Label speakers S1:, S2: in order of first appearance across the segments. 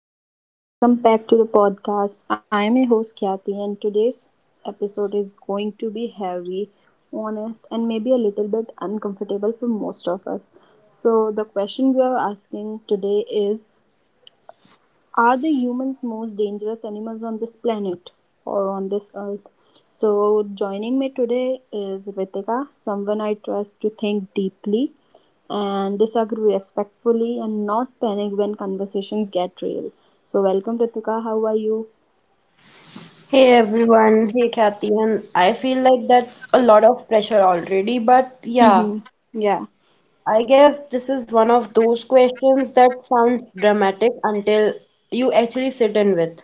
S1: Hey everyone, welcome back to the podcast. I am your host Khyati, and today's episode is going to be heavy, honest, and maybe a little bit uncomfortable for most of us. So, the question we are asking today is are the humans most dangerous animals on this planet or on this earth? So, joining me today is Ritika, someone I trust to think deeply and disagree respectfully and not panic when conversations get real. So, welcome, Ritika. How are you?
S2: Hey everyone, hey Kathy, and I feel like that's a lot of pressure already, but yeah,
S1: Mhm. Yeah.
S2: I guess this is one of those questions that sounds dramatic until you actually sit in with.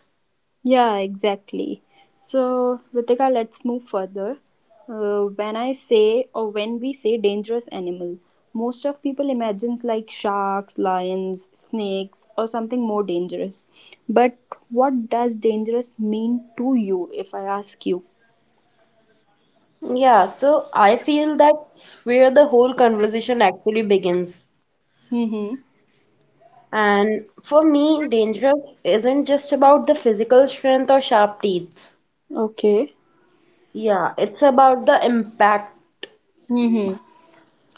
S1: Yeah, exactly. So, Ritika, let's move further. When I say or when we say dangerous animal, most of people imagines like sharks, lions, snakes, or something more dangerous. But what does dangerous mean to you? If I ask you.
S2: Yeah, so I feel that's where the whole conversation actually begins.
S1: Mm-hmm.
S2: And for me, dangerous isn't just about the physical strength or sharp teeth.
S1: Okay.
S2: Yeah, it's about the impact.
S1: Mm-hmm.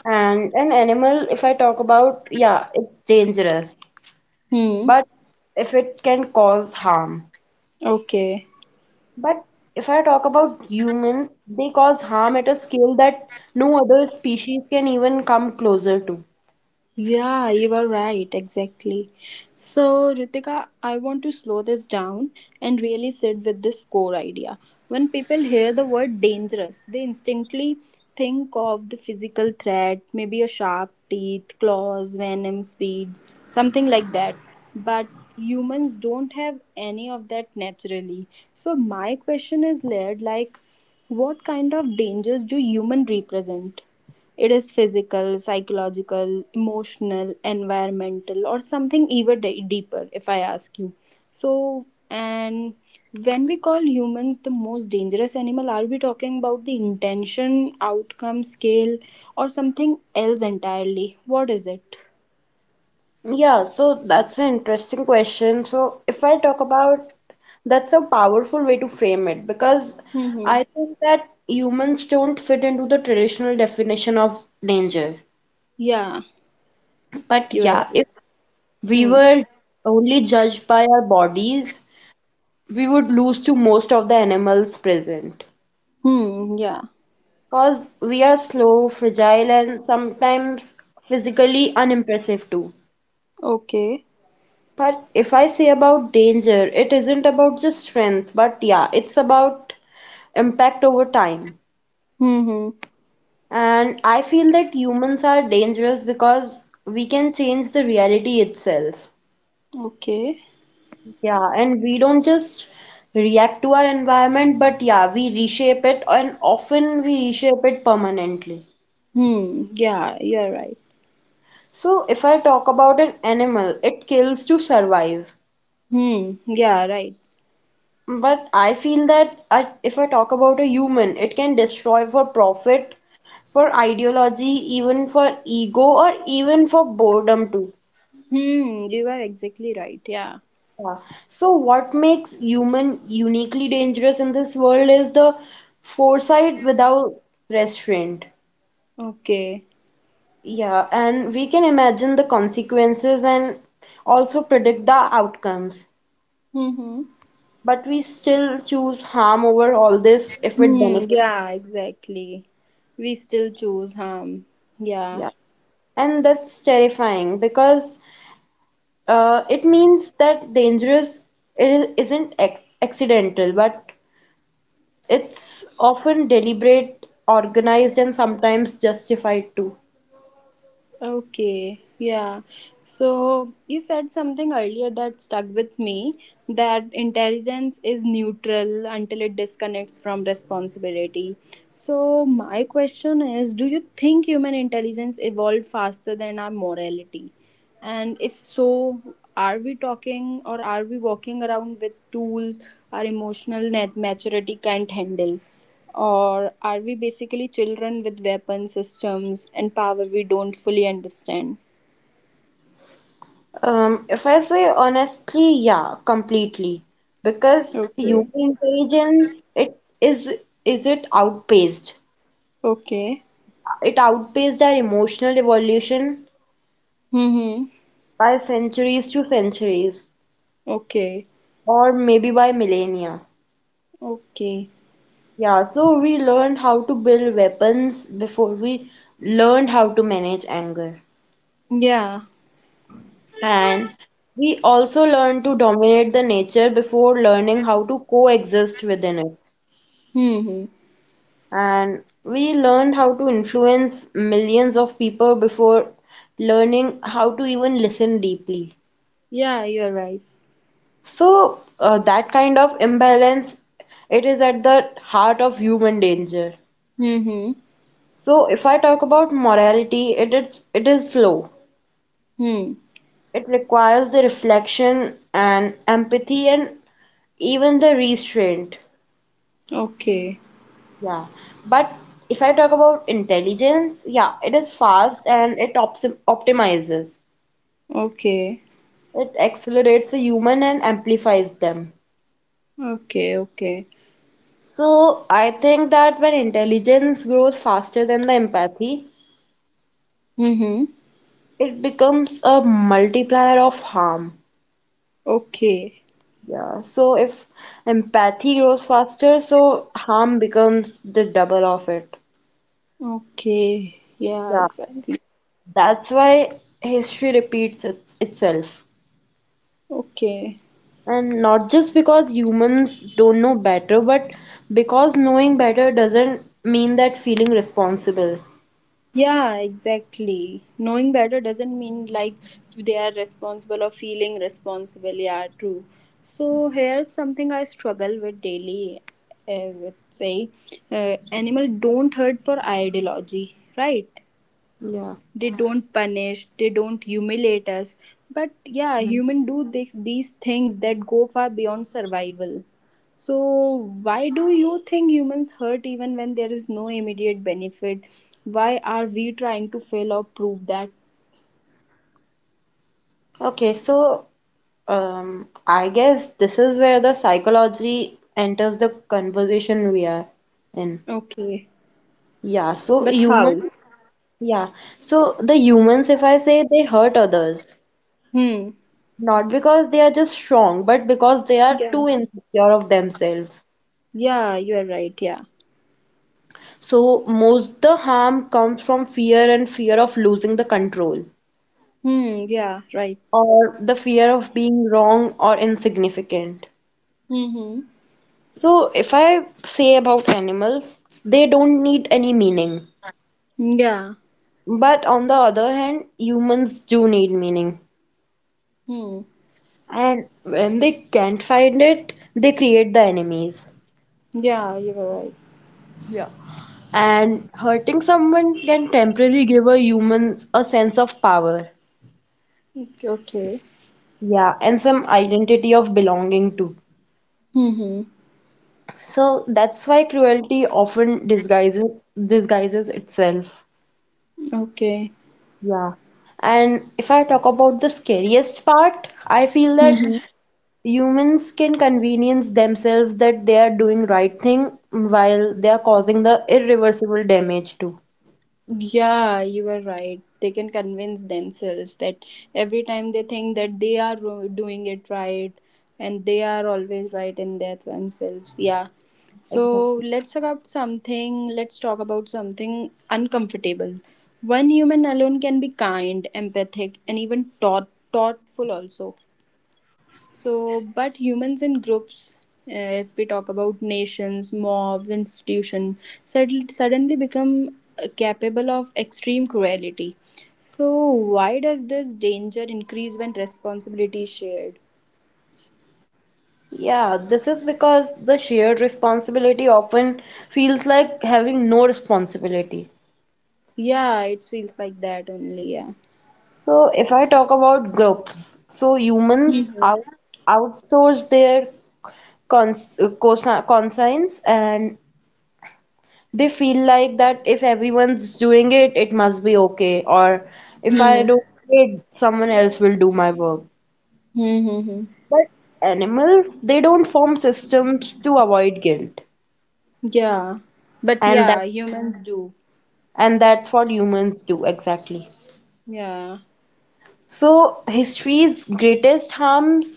S2: And an animal, if I talk about, yeah, it's dangerous,
S1: Hmm.
S2: but if it can cause harm.
S1: Okay.
S2: But if I talk about humans, they cause harm at a scale that no other species can even come closer to.
S1: Yeah, you are right, exactly. So, Ritika, I want to slow this down and really sit with this core idea. When people hear the word dangerous, they instantly think of the physical threat, maybe a sharp teeth, claws, venom, speeds, something like that. But humans don't have any of that naturally. So, my question is layered like, what kind of dangers do human represent? It is physical, psychological, emotional, environmental, or something even deeper, if I ask you. So, and when we call humans the most dangerous animal, are we talking about the intention, outcome, scale, or something else entirely? What is it?
S2: Yeah, so that's an interesting question. So if I talk about, that's a powerful way to frame it because
S1: Mm-hmm.
S2: I think that humans don't fit into the traditional definition of danger.
S1: Yeah,
S2: But
S1: you are
S2: yeah,
S1: right.
S2: if we
S1: Hmm.
S2: were only judged by our bodies, we would lose to most of the animals present.
S1: Hmm. Yeah.
S2: Cause we are slow, fragile, and sometimes physically unimpressive too.
S1: Okay.
S2: But if I say about danger, it isn't about just strength, but yeah, it's about impact over time.
S1: Hmm. Hmm.
S2: And I feel that humans are dangerous because we can change the reality itself.
S1: Okay.
S2: Yeah, and we don't just react to our environment, but yeah, we reshape it, and often we reshape it permanently.
S1: Hmm. Yeah, you're right.
S2: So, if I talk about an animal, it kills to survive.
S1: Hmm. Yeah, right.
S2: But I feel that I, if I talk about a human, it can destroy for profit, for ideology, even for ego, or even for boredom too.
S1: Hmm, you are exactly right. Yeah.
S2: Yeah. So, what makes human uniquely dangerous in this world is the foresight without restraint.
S1: Okay.
S2: Yeah, and we can imagine the consequences and also predict the outcomes,
S1: Mm-hmm.
S2: but we still choose harm over all this if it
S1: Hmm,
S2: benefits.
S1: yeah, exactly. We still choose harm. Yeah.
S2: Yeah. And that's terrifying because it means that dangerous isn't ex accidental, but it's often deliberate, organized, and sometimes justified too.
S1: Okay, yeah. So you said something earlier that stuck with me that intelligence is neutral until it disconnects from responsibility. So my question is, do you think human intelligence evolved faster than our morality? And if so, are we talking or are we walking around with tools our emotional net maturity can't handle? Or are we basically children with weapon systems and power we don't fully understand?
S2: If I say honestly, yeah, completely. Because
S1: Okay.
S2: human intelligence, it is it outpaced.
S1: Okay.
S2: It outpaced our emotional evolution
S1: Mm-hmm.
S2: by centuries to centuries
S1: Okay.
S2: or maybe by millennia.
S1: Okay.
S2: Yeah, so we learned how to build weapons before we learned how to manage anger.
S1: Yeah.
S2: And we also learned to dominate the nature before learning how to coexist within it.
S1: Mm-hmm.
S2: And we learned how to influence millions of people before learning how to even listen deeply.
S1: Yeah, you're right.
S2: So, that kind of imbalance, it is at the heart of human danger.
S1: Mm-hmm.
S2: So if I talk about morality, it is slow.
S1: Hmm.
S2: It requires the reflection and empathy and even the restraint.
S1: Okay.
S2: Yeah. But if I talk about intelligence, yeah, it is fast and it ops optimizes.
S1: Okay.
S2: It accelerates the human and amplifies them.
S1: Okay. Okay.
S2: So I think that when intelligence grows faster than the empathy,
S1: Mm-hmm.
S2: it becomes a multiplier of harm.
S1: Okay.
S2: Yeah, so if empathy grows faster, so harm becomes the double of it.
S1: Okay. Yeah,
S2: Yeah,
S1: exactly.
S2: that's why history repeats its itself.
S1: Okay.
S2: And not just because humans don't know better, but because knowing better doesn't mean that feeling responsible.
S1: Yeah, exactly. Knowing better doesn't mean like they are responsible or feeling responsible. Yeah, true. So here's something I struggle with daily, as it say, animal don't hurt for ideology, right?
S2: Yeah.
S1: They don't punish, they don't humiliate us, but yeah,
S2: Mm.
S1: human do this, these things that go far beyond survival. So why do you think humans hurt even when there is no immediate benefit? Why are we trying to fail or prove that?
S2: Okay, so I guess this is where the psychology enters the conversation we are in.
S1: Okay,
S2: Yeah, so
S1: but
S2: humans.
S1: how?
S2: Yeah. So the humans, if I say they hurt others,
S1: Hmm.
S2: not because they are just strong, but because they are
S1: Yeah,
S2: too insecure of themselves.
S1: yeah, you are right. Yeah.
S2: So most the harm comes from fear and fear of losing the control
S1: Hmm. Yeah, right.
S2: or the fear of being wrong or insignificant.
S1: Mm-hmm.
S2: So if I say about animals, they don't need any meaning.
S1: Yeah.
S2: But on the other hand, humans do need meaning.
S1: Hmm.
S2: And when they can't find it, they create the enemies.
S1: Yeah, you are right.
S2: Yeah. And hurting someone can temporarily give a humans a sense of power.
S1: Okay. Okay.
S2: Yeah, and some identity of belonging too.
S1: Hmm.
S2: So that's why cruelty often disguises itself.
S1: Okay.
S2: Yeah. And if I talk about the scariest part, I feel that
S1: Mm-hmm.
S2: humans can convenience themselves that they are doing right thing while they are causing the irreversible damage too.
S1: Yeah, you are right. They can convince themselves that every time they think that they are doing it right and they are always right in their themselves. Yeah. So
S2: Exactly.
S1: let's talk about something. Let's talk about something uncomfortable. One human alone can be kind, empathic, and even thoughtful also. So, but humans in groups, if we talk about nations, mobs, institution, suddenly become capable of extreme cruelty. So, why does this danger increase when responsibility is shared?
S2: Yeah, this is because the shared responsibility often feels like having no responsibility.
S1: Yeah, it feels like that only. Yeah.
S2: So, if I talk about groups, so humans out
S1: Mhm.
S2: outsource their cons consi- conscience, and they feel like that if everyone's doing it, it must be okay, or if I
S1: Hmm.
S2: don't do it, someone else will do my work.
S1: Mm-hmm.
S2: But animals, they don't form systems to avoid guilt.
S1: Yeah. But
S2: And
S1: yeah,
S2: that
S1: humans do.
S2: and that's what humans do exactly.
S1: Yeah.
S2: So history's greatest harms,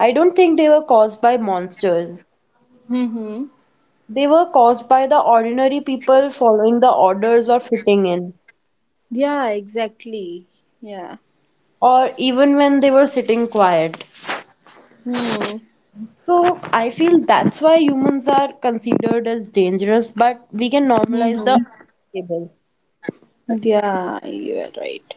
S2: I don't think they were caused by monsters.
S1: Mm-hmm.
S2: They were caused by the ordinary people following the orders or fitting in,
S1: Yeah, exactly. Yeah.
S2: or even when they were sitting quiet.
S1: Hmm.
S2: So I feel that's why humans are considered as dangerous, but we can normalize the
S1: Mm-hmm.
S2: table.
S1: Yeah, you are right.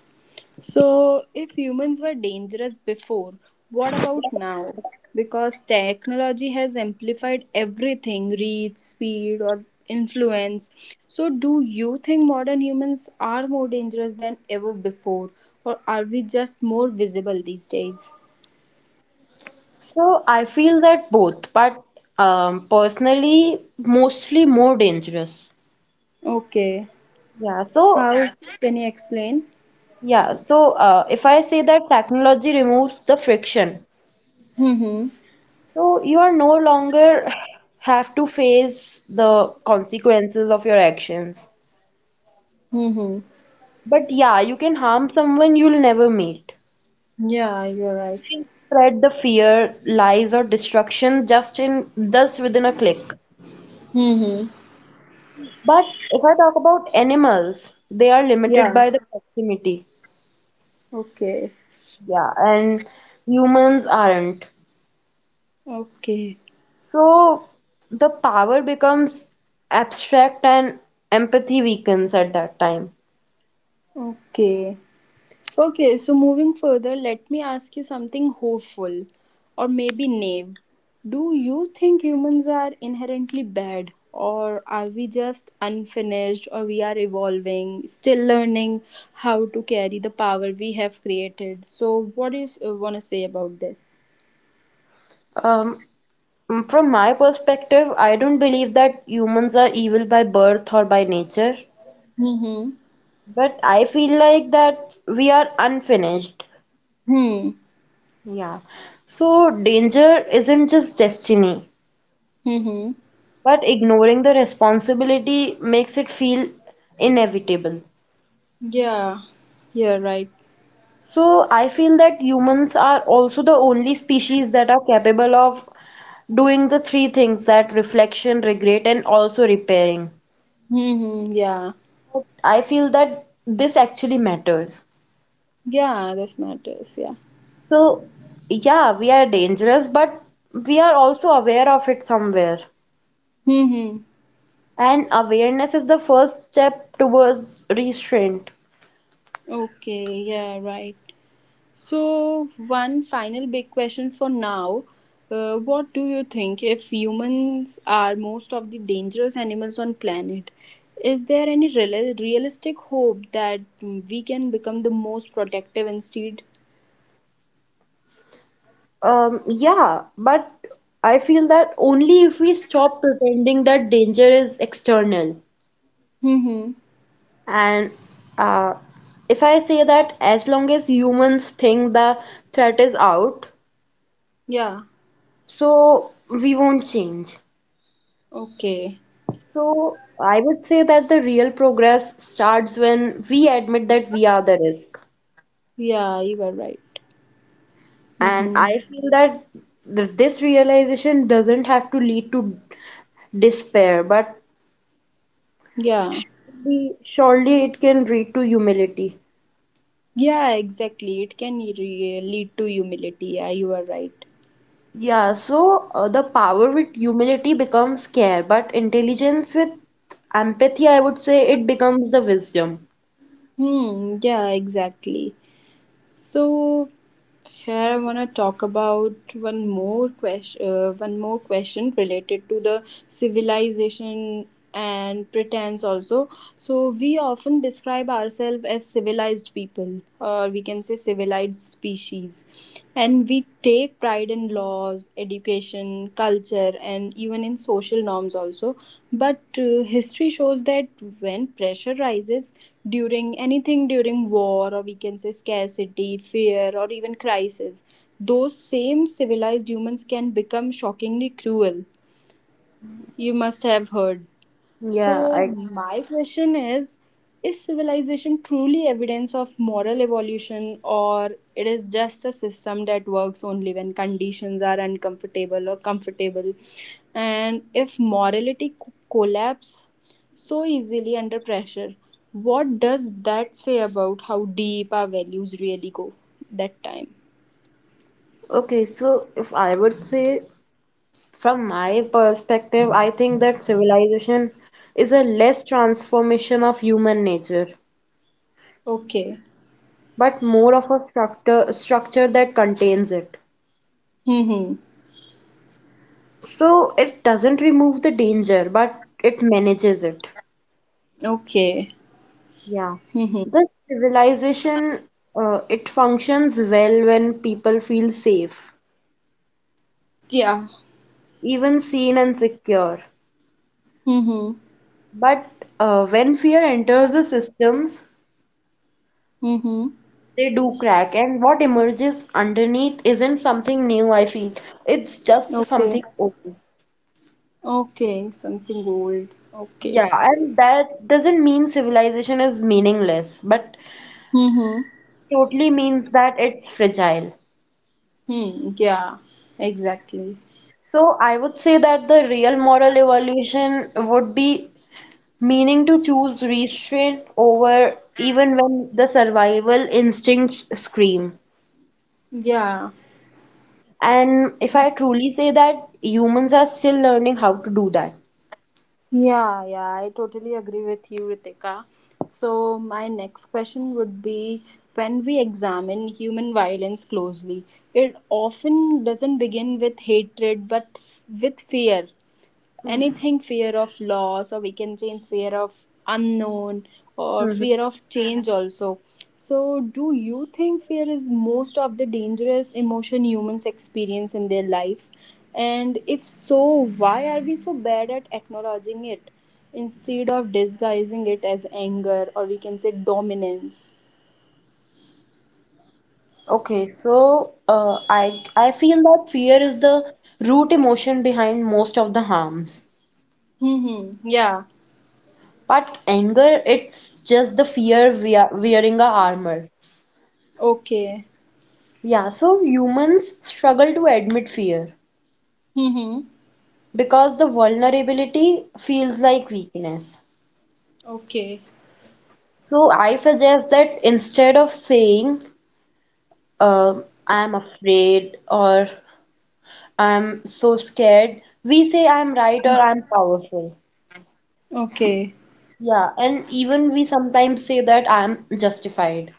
S1: So, if humans were dangerous before, what about now? Because technology has amplified everything reach, speed, or influence. So, do you think modern humans are more dangerous than ever before, or are we just more visible these days?
S2: So I feel that both, but personally, mostly more dangerous.
S1: Okay,
S2: Yeah, so.
S1: how can you explain?
S2: Yeah, so if I say that technology removes the friction,
S1: Mm-hmm.
S2: so you are no longer have to face the consequences of your actions.
S1: Mm-hmm.
S2: But yeah, you can harm someone you'll never meet.
S1: Yeah, you're right.
S2: You can spread the fear, lies, or destruction just in thus within a click.
S1: Mm-hmm.
S2: But if I talk about animals, they are limited
S1: Yeah.
S2: by the proximity.
S1: Okay.
S2: Yeah, and humans aren't.
S1: Okay.
S2: So the power becomes abstract and empathy weakens at that time.
S1: Okay. Okay, so moving further, let me ask you something hopeful or maybe naive. Do you think humans are inherently bad or are we just unfinished or we are evolving, still learning how to carry the power we have created? So what do you want to say about this?
S2: Um, from my perspective, I don't believe that humans are evil by birth or by nature,
S1: Mm-hmm.
S2: but I feel like that we are unfinished.
S1: Hmm.
S2: Yeah. So danger isn't just destiny,
S1: Mm-hmm.
S2: but ignoring the responsibility makes it feel inevitable.
S1: Yeah. Yeah, right.
S2: So I feel that humans are also the only species that are capable of doing the three things: that reflection, regret, and also repairing.
S1: Mm-hmm. Yeah.
S2: I feel that this actually matters.
S1: Yeah, this matters. Yeah.
S2: So, yeah, we are dangerous, but we are also aware of it somewhere.
S1: Mm-hmm.
S2: And awareness is the first step towards restraint.
S1: Okay, yeah, right. So, one final big question for now. What do you think if humans are most of the dangerous animals on planet? Is there any realistic hope that we can become the most protective instead?
S2: Yeah, but I feel that only if we stop pretending that danger is external.
S1: Mm-hmm.
S2: And uh, if I say that as long as humans think the threat is out,
S1: Yeah.
S2: so we won't change.
S1: Okay.
S2: So I would say that the real progress starts when we admit that we are the risk.
S1: Yeah, you are right.
S2: And
S1: Mm-hmm.
S2: I feel that this realization doesn't have to lead to despair, but
S1: Yeah.
S2: surely, surely it can lead to humility.
S1: Yeah, exactly. It can lead to humility. Yeah, you are right.
S2: Yeah, so the power with humility becomes care, but intelligence with empathy, I would say it becomes the wisdom.
S1: Hmm. Yeah, exactly. So here I want to talk about one more question related to the civilization and pretense also. So we often describe ourselves as civilized people, or we can say civilized species, and we take pride in laws, education, culture, and even in social norms also. But history shows that when pressure rises during anything during war, or we can say scarcity, fear, or even crisis, those same civilized humans can become shockingly cruel. You must have heard.
S2: Yeah,
S1: So,
S2: I
S1: my question is civilization truly evidence of moral evolution, or it is just a system that works only when conditions are uncomfortable or comfortable? And if morality collapse so easily under pressure, what does that say about how deep our values really go that time?
S2: okay, so if I would say, from my perspective, I think that civilization is a less transformation of human nature,
S1: Okay.
S2: but more of a structure that contains it.
S1: Mm-hmm.
S2: So it doesn't remove the danger, but it manages it.
S1: Okay.
S2: Yeah,
S1: Mm-hmm.
S2: this civilization it functions well when people feel safe,
S1: Yeah.
S2: even seen and secure.
S1: Mm-hmm.
S2: But when fear enters the systems,
S1: Mm-hmm.
S2: they do crack, and what emerges underneath isn't something new, I feel. It's just
S1: Okay.
S2: something open.
S1: Okay, something old. Okay.
S2: Yeah, and that doesn't mean civilization is meaningless, but
S1: Mm-hmm.
S2: totally means that it's fragile.
S1: Hmm. Yeah. Exactly.
S2: So I would say that the real moral evolution would be meaning to choose restraint over even when the survival instincts scream.
S1: Yeah.
S2: And if I truly say that, humans are still learning how to do that.
S1: Yeah, yeah, I totally agree with you, Ritika. So, my next question would be when we examine human violence closely, it often doesn't begin with hatred but with fear. Anything fear of loss or we can change fear of unknown or
S2: Mhm.
S1: fear of change also. So do you think fear is most of the dangerous emotion humans experience in their life? And if so, why are we so bad at acknowledging it instead of disguising it as anger or we can say dominance?
S2: Okay, so I feel that fear is the root emotion behind most of the harms.
S1: Hmm. Yeah.
S2: But anger, it's just the fear wearing a armor.
S1: Okay.
S2: Yeah, so humans struggle to admit fear
S1: Hmm.
S2: because the vulnerability feels like weakness.
S1: Okay.
S2: So I suggest that instead of saying, uh, I'm afraid or I'm so scared, we say I'm right or I'm powerful.
S1: Okay.
S2: Yeah, and even we sometimes say that I'm justified.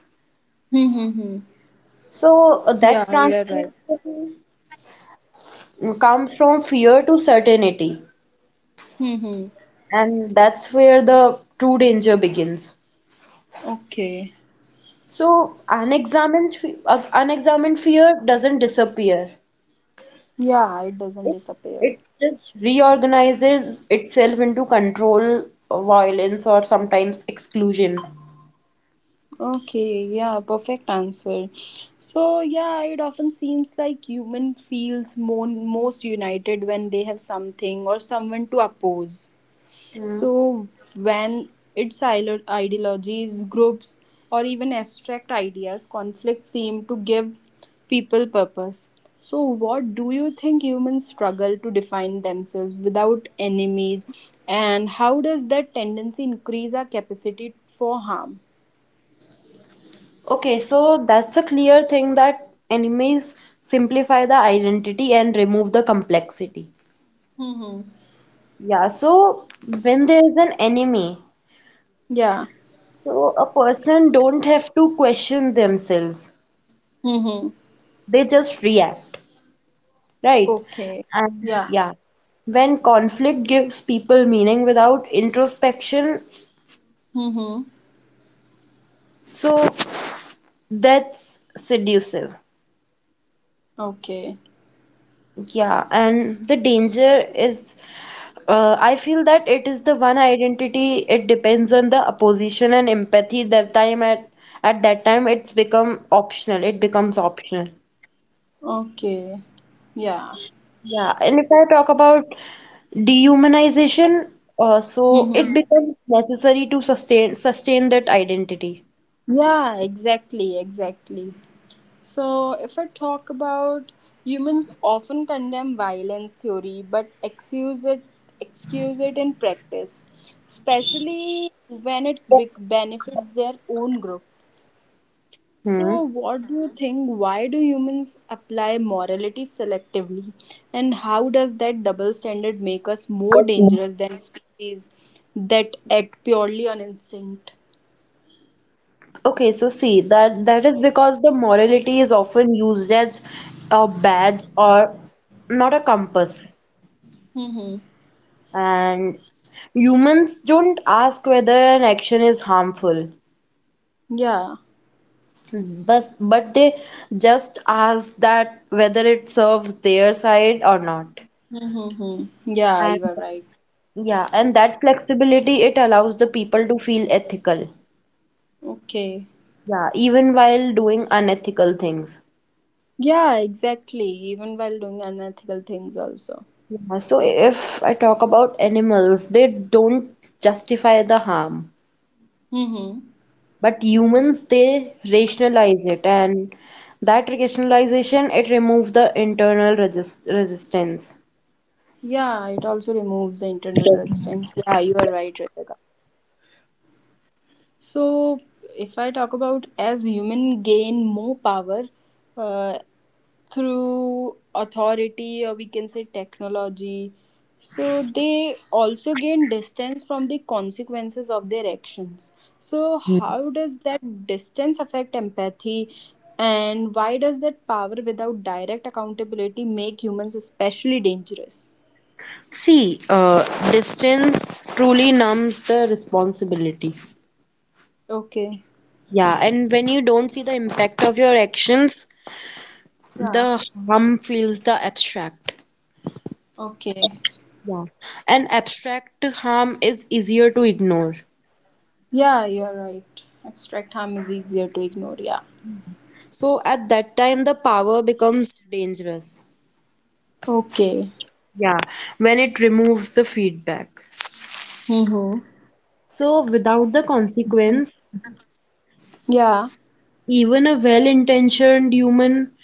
S1: Hmm.
S2: So that
S1: Yeah, you're right.
S2: transformation comes from fear to certainty,
S1: Hmm.
S2: and that's where the true danger begins.
S1: Okay.
S2: So unexamined, unexamined fear doesn't disappear.
S1: Yeah, it doesn't
S2: It
S1: disappear.
S2: it just reorganizes itself into control, violence, or sometimes exclusion.
S1: Okay, yeah, perfect answer. So, yeah, it often seems like human feels more, most united when they have something or someone to oppose.
S2: Yeah.
S1: So, when its ideologies, groups, or even abstract ideas conflict seem to give people purpose. So, what do you think humans struggle to define themselves without enemies, and how does that tendency increase our capacity for harm?
S2: Okay, so that's a clear thing that enemies simplify the identity and remove the complexity.
S1: Mm-hmm.
S2: Yeah, so when there is an enemy,
S1: Yeah.
S2: so a person don't have to question themselves.
S1: Mm-hmm.
S2: They just react, right?
S1: Okay.
S2: And
S1: Yeah.
S2: yeah, when conflict gives people meaning without introspection,
S1: Mm-hmm.
S2: so that's seductive.
S1: Okay.
S2: Yeah, and the danger is, I feel that it is the one identity. It depends on the opposition and empathy. That time at that time, it's become optional. It becomes optional.
S1: Okay. Yeah.
S2: Yeah, and if I talk about dehumanization, so it
S1: Mm-hmm.
S2: becomes necessary to sustain that identity.
S1: Yeah, exactly, exactly. So, if I talk about humans often condemn violence theory but excuse it in practice, especially when it benefits their own group.
S2: Hmm.
S1: So, what do you think? Why do humans apply morality selectively, and how does that double standard make us more dangerous than species that act purely on instinct?
S2: Okay, so see that that is because the morality is often used as a badge or not a compass.
S1: Mm-hmm.
S2: And humans don't ask whether an action is harmful.
S1: Yeah.
S2: Thus, but they just ask that whether it serves their side or not.
S1: Mm-hmm. Yeah,
S2: And
S1: you are right.
S2: yeah, and that flexibility it allows the people to feel ethical.
S1: Okay.
S2: Yeah, even while doing unethical things.
S1: Yeah, exactly. Even while doing unethical things, also.
S2: Yeah, so if I talk about animals, they don't justify the harm,
S1: Mm-hmm.
S2: but humans they rationalize it, and that rationalization it removes the internal resistance.
S1: Yeah, it also removes the internal resistance. Yeah, you are right, Ritika. So, if I talk about as human gain more power, uh, through authority or we can say technology, so they also gain distance from the consequences of their actions. So how does that distance affect empathy, and why does that power without direct accountability make humans especially dangerous?
S2: See, distance truly numbs the responsibility.
S1: Okay.
S2: Yeah, and when you don't see the impact of your actions,
S1: Yeah.
S2: the harm feels the abstract.
S1: Okay.
S2: Yeah, and abstract harm is easier to ignore.
S1: Yeah, you're right, abstract harm is easier to ignore. Yeah.
S2: So at that time, the power becomes dangerous.
S1: Okay.
S2: Yeah, when it removes the feedback.
S1: Mm-hmm.
S2: So without the consequence,
S1: Yeah.
S2: even a well-intentioned human,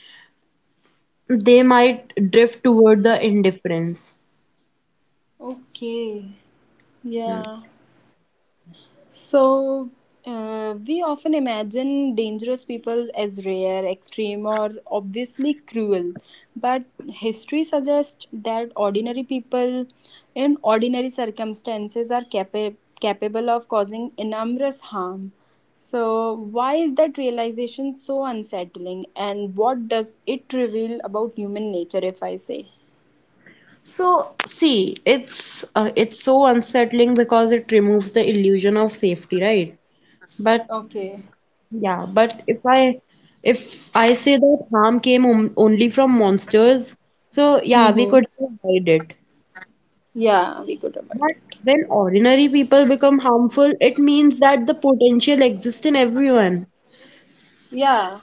S2: they might drift toward the indifference.
S1: Okay. Yeah. So, we often imagine dangerous people as rare, extreme, or obviously cruel, but history suggests that ordinary people in ordinary circumstances are capable of causing enormous harm. So, why is that realization so unsettling, and what does it reveal about human nature, if I say?
S2: So see, it's so unsettling because it removes the illusion of safety, right? But
S1: Okay.
S2: yeah, but if I say that harm came on, only from monsters, so yeah, we
S1: Mm-hmm.
S2: could avoid it.
S1: Yeah, we could avoid
S2: But
S1: it.
S2: when ordinary people become harmful, it means that the potential exists in everyone,
S1: Yeah,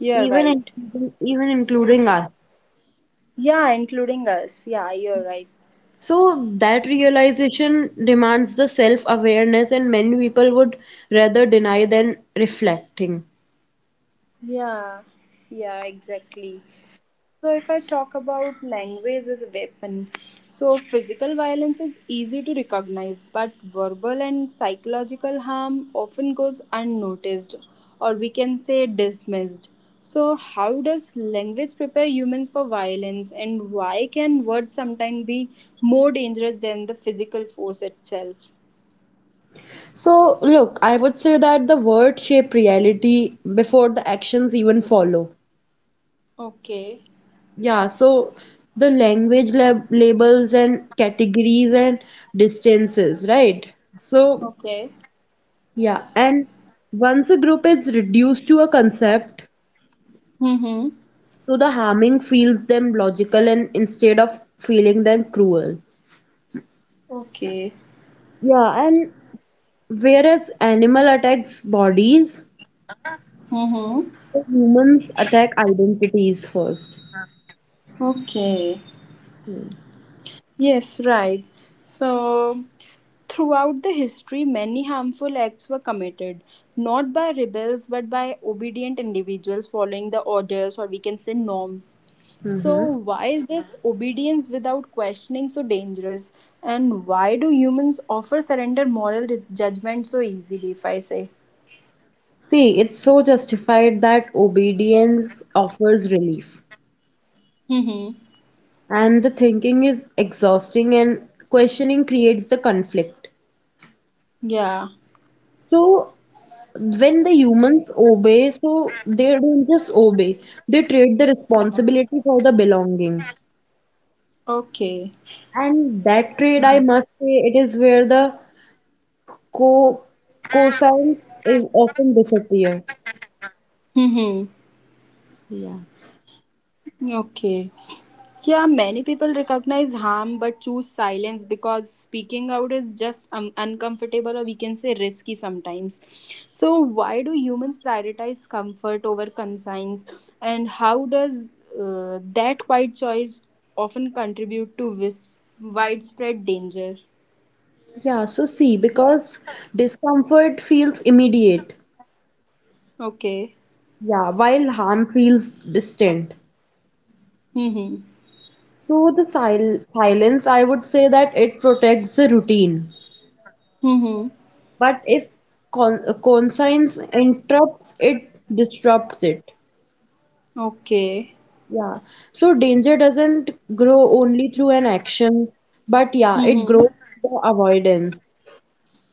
S1: you're
S2: even
S1: right.
S2: including, even including us.
S1: Yeah, including us. Yeah, you're right.
S2: So that realization demands the self-awareness, and many people would rather deny than reflecting.
S1: Yeah, yeah, exactly. So, if I talk about language as a weapon, so physical violence is easy to recognize, but verbal and psychological harm often goes unnoticed or we can say dismissed. So, how does language prepare humans for violence, and why can words sometimes be more dangerous than the physical force itself?
S2: So look, I would say that the word shape reality before the actions even follow.
S1: Okay,
S2: Yeah, so the language labels and categories and distances, right? So
S1: okay.
S2: yeah, and once a group is reduced to a concept,
S1: Mm-hmm.
S2: so the harming feels them logical and instead of feeling them cruel.
S1: Okay.
S2: Yeah, and whereas animal attacks bodies,
S1: Mm-hmm.
S2: the humans attack identities first.
S1: Okay. Yes, right. So, throughout the history, many harmful acts were committed, not by rebels but by obedient individuals following the orders or we can say norms. So, why is this obedience without questioning so dangerous? And why do humans offer surrender moral judgment so easily, if I say?
S2: See, it's so justified that obedience offers relief.
S1: Mm-hmm.
S2: And the thinking is exhausting and questioning creates the conflict.
S1: Yeah.
S2: So when the humans obey, so they don't just obey, they trade the responsibility for the belonging.
S1: Okay.
S2: And that trade, I must say, it is where the co cosine is often disappear.
S1: Mm-hmm.
S2: Yeah.
S1: Okay. Yeah, many people recognize harm but choose silence because speaking out is just uncomfortable or we can say risky sometimes. So, why do humans prioritize comfort over conscience, and how does that quiet choice often contribute to widespread danger?
S2: Yeah, so see, because discomfort feels immediate,
S1: Okay.
S2: yeah, while harm feels distant.
S1: Mm-hmm.
S2: So the silence, I would say that it protects the routine.
S1: Mm-hmm.
S2: But if conscience interrupts it, disrupts it.
S1: Okay.
S2: Yeah. So danger doesn't grow only through an action, but yeah, it
S1: Mm-hmm.
S2: grows through avoidance.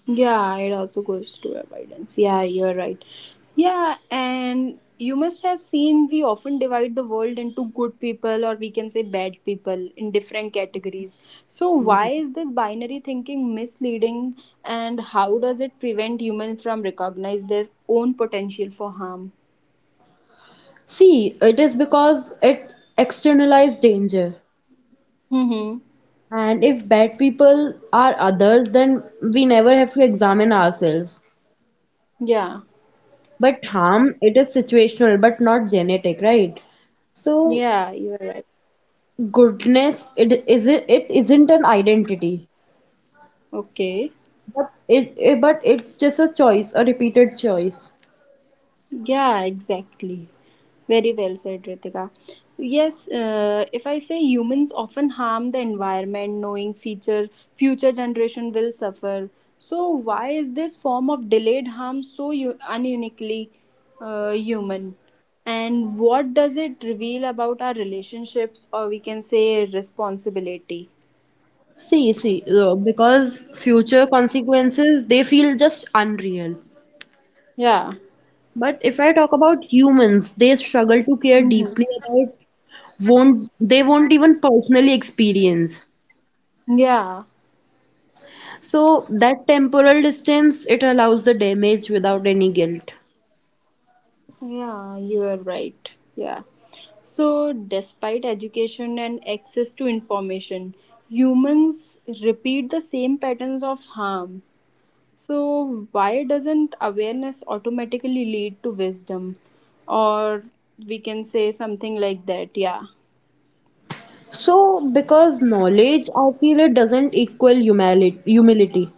S1: Yeah, it also goes to avoidance. Yeah, you're right. Yeah, and you must have seen we often divide the world into good people or we can say bad people in different categories. So, why is this binary thinking misleading and how does it prevent humans from recognize their own potential for harm?
S2: See, it is because it externalized danger.
S1: Mm-hmm.
S2: And if bad people are others, then we never have to examine ourselves.
S1: Yeah.
S2: But harm, it is situational, but not genetic, right? So
S1: Yeah, you're right.
S2: goodness, it isn't an identity.
S1: Okay.
S2: But it's just a choice, a repeated choice.
S1: Yeah, exactly. Very well said, Ritika. Yes, if I say humans often harm the environment, knowing future generation will suffer. So why is this form of delayed harm so ununiquely human? And what does it reveal about our relationships, or we can say responsibility?
S2: See, because future consequences, they feel just unreal.
S1: Yeah,
S2: But if I talk about humans, they struggle to care deeply about won't they won't even personally experience.
S1: yeah.
S2: So that temporal distance, it allows the damage without any guilt.
S1: Yeah, you are right. Yeah. So, despite education and access to information, humans repeat the same patterns of harm. So, why doesn't awareness automatically lead to wisdom? Or we can say something like that. Yeah.
S2: So because knowledge, I feel it doesn't equal humility.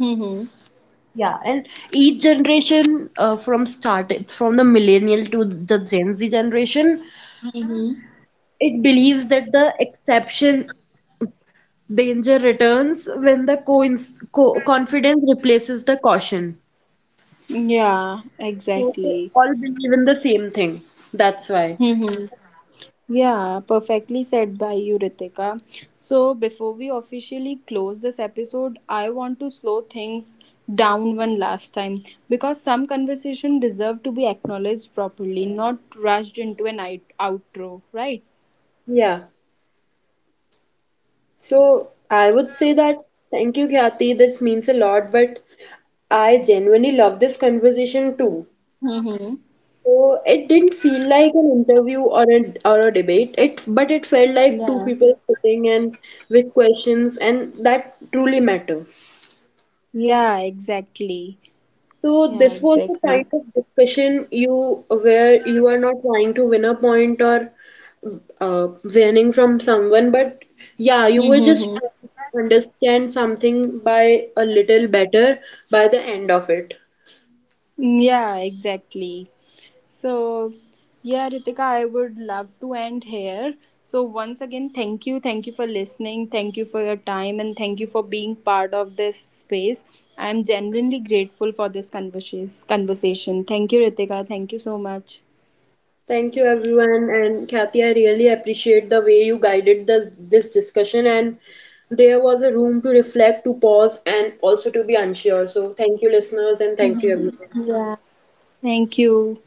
S1: Mm-hmm.
S2: Yeah, and each generation from start it's from the millennial to the Gen Z generation,
S1: Mm-hmm.
S2: it believes that the exception danger returns when the coins co confidence replaces the caution.
S1: Yeah,
S2: So they
S1: exactly.
S2: all believe in the same thing. That's why.
S1: Mm-hmm. Yeah, perfectly said by you, Ritika. So, before we officially close this episode, I want to slow things down one last time because some conversation deserve to be acknowledged properly, not rushed into an outro, right?
S2: Yeah. So I would say that thank you, Khyati. This means a lot, but I genuinely love this conversation too.
S1: Mm-hmm.
S2: So it didn't feel like an interview or a debate. It felt like two
S1: Yeah.
S2: people sitting and with questions, and that truly matter.
S1: Yeah, exactly.
S2: So
S1: Yeah,
S2: this was the kind
S1: exactly.
S2: of discussion you where you are not trying to win a point or uh, winning from someone, but yeah, you were just
S1: Mm-hmm.
S2: trying to understand something by a little better by the end of it.
S1: Yeah, exactly. So, yeah, Ritika, I would love to end here. So, once again, thank you. Thank you for listening. Thank you for your time. And thank you for being part of this space. I am genuinely grateful for this conversation. Thank you, Ritika. Thank you so much.
S2: Thank you, everyone. And Kathy, I really appreciate the way you guided this discussion. And there was a room to reflect, to pause, and also to be unsure. So, thank you, listeners, and thank you, everyone.
S1: Yeah. Thank you.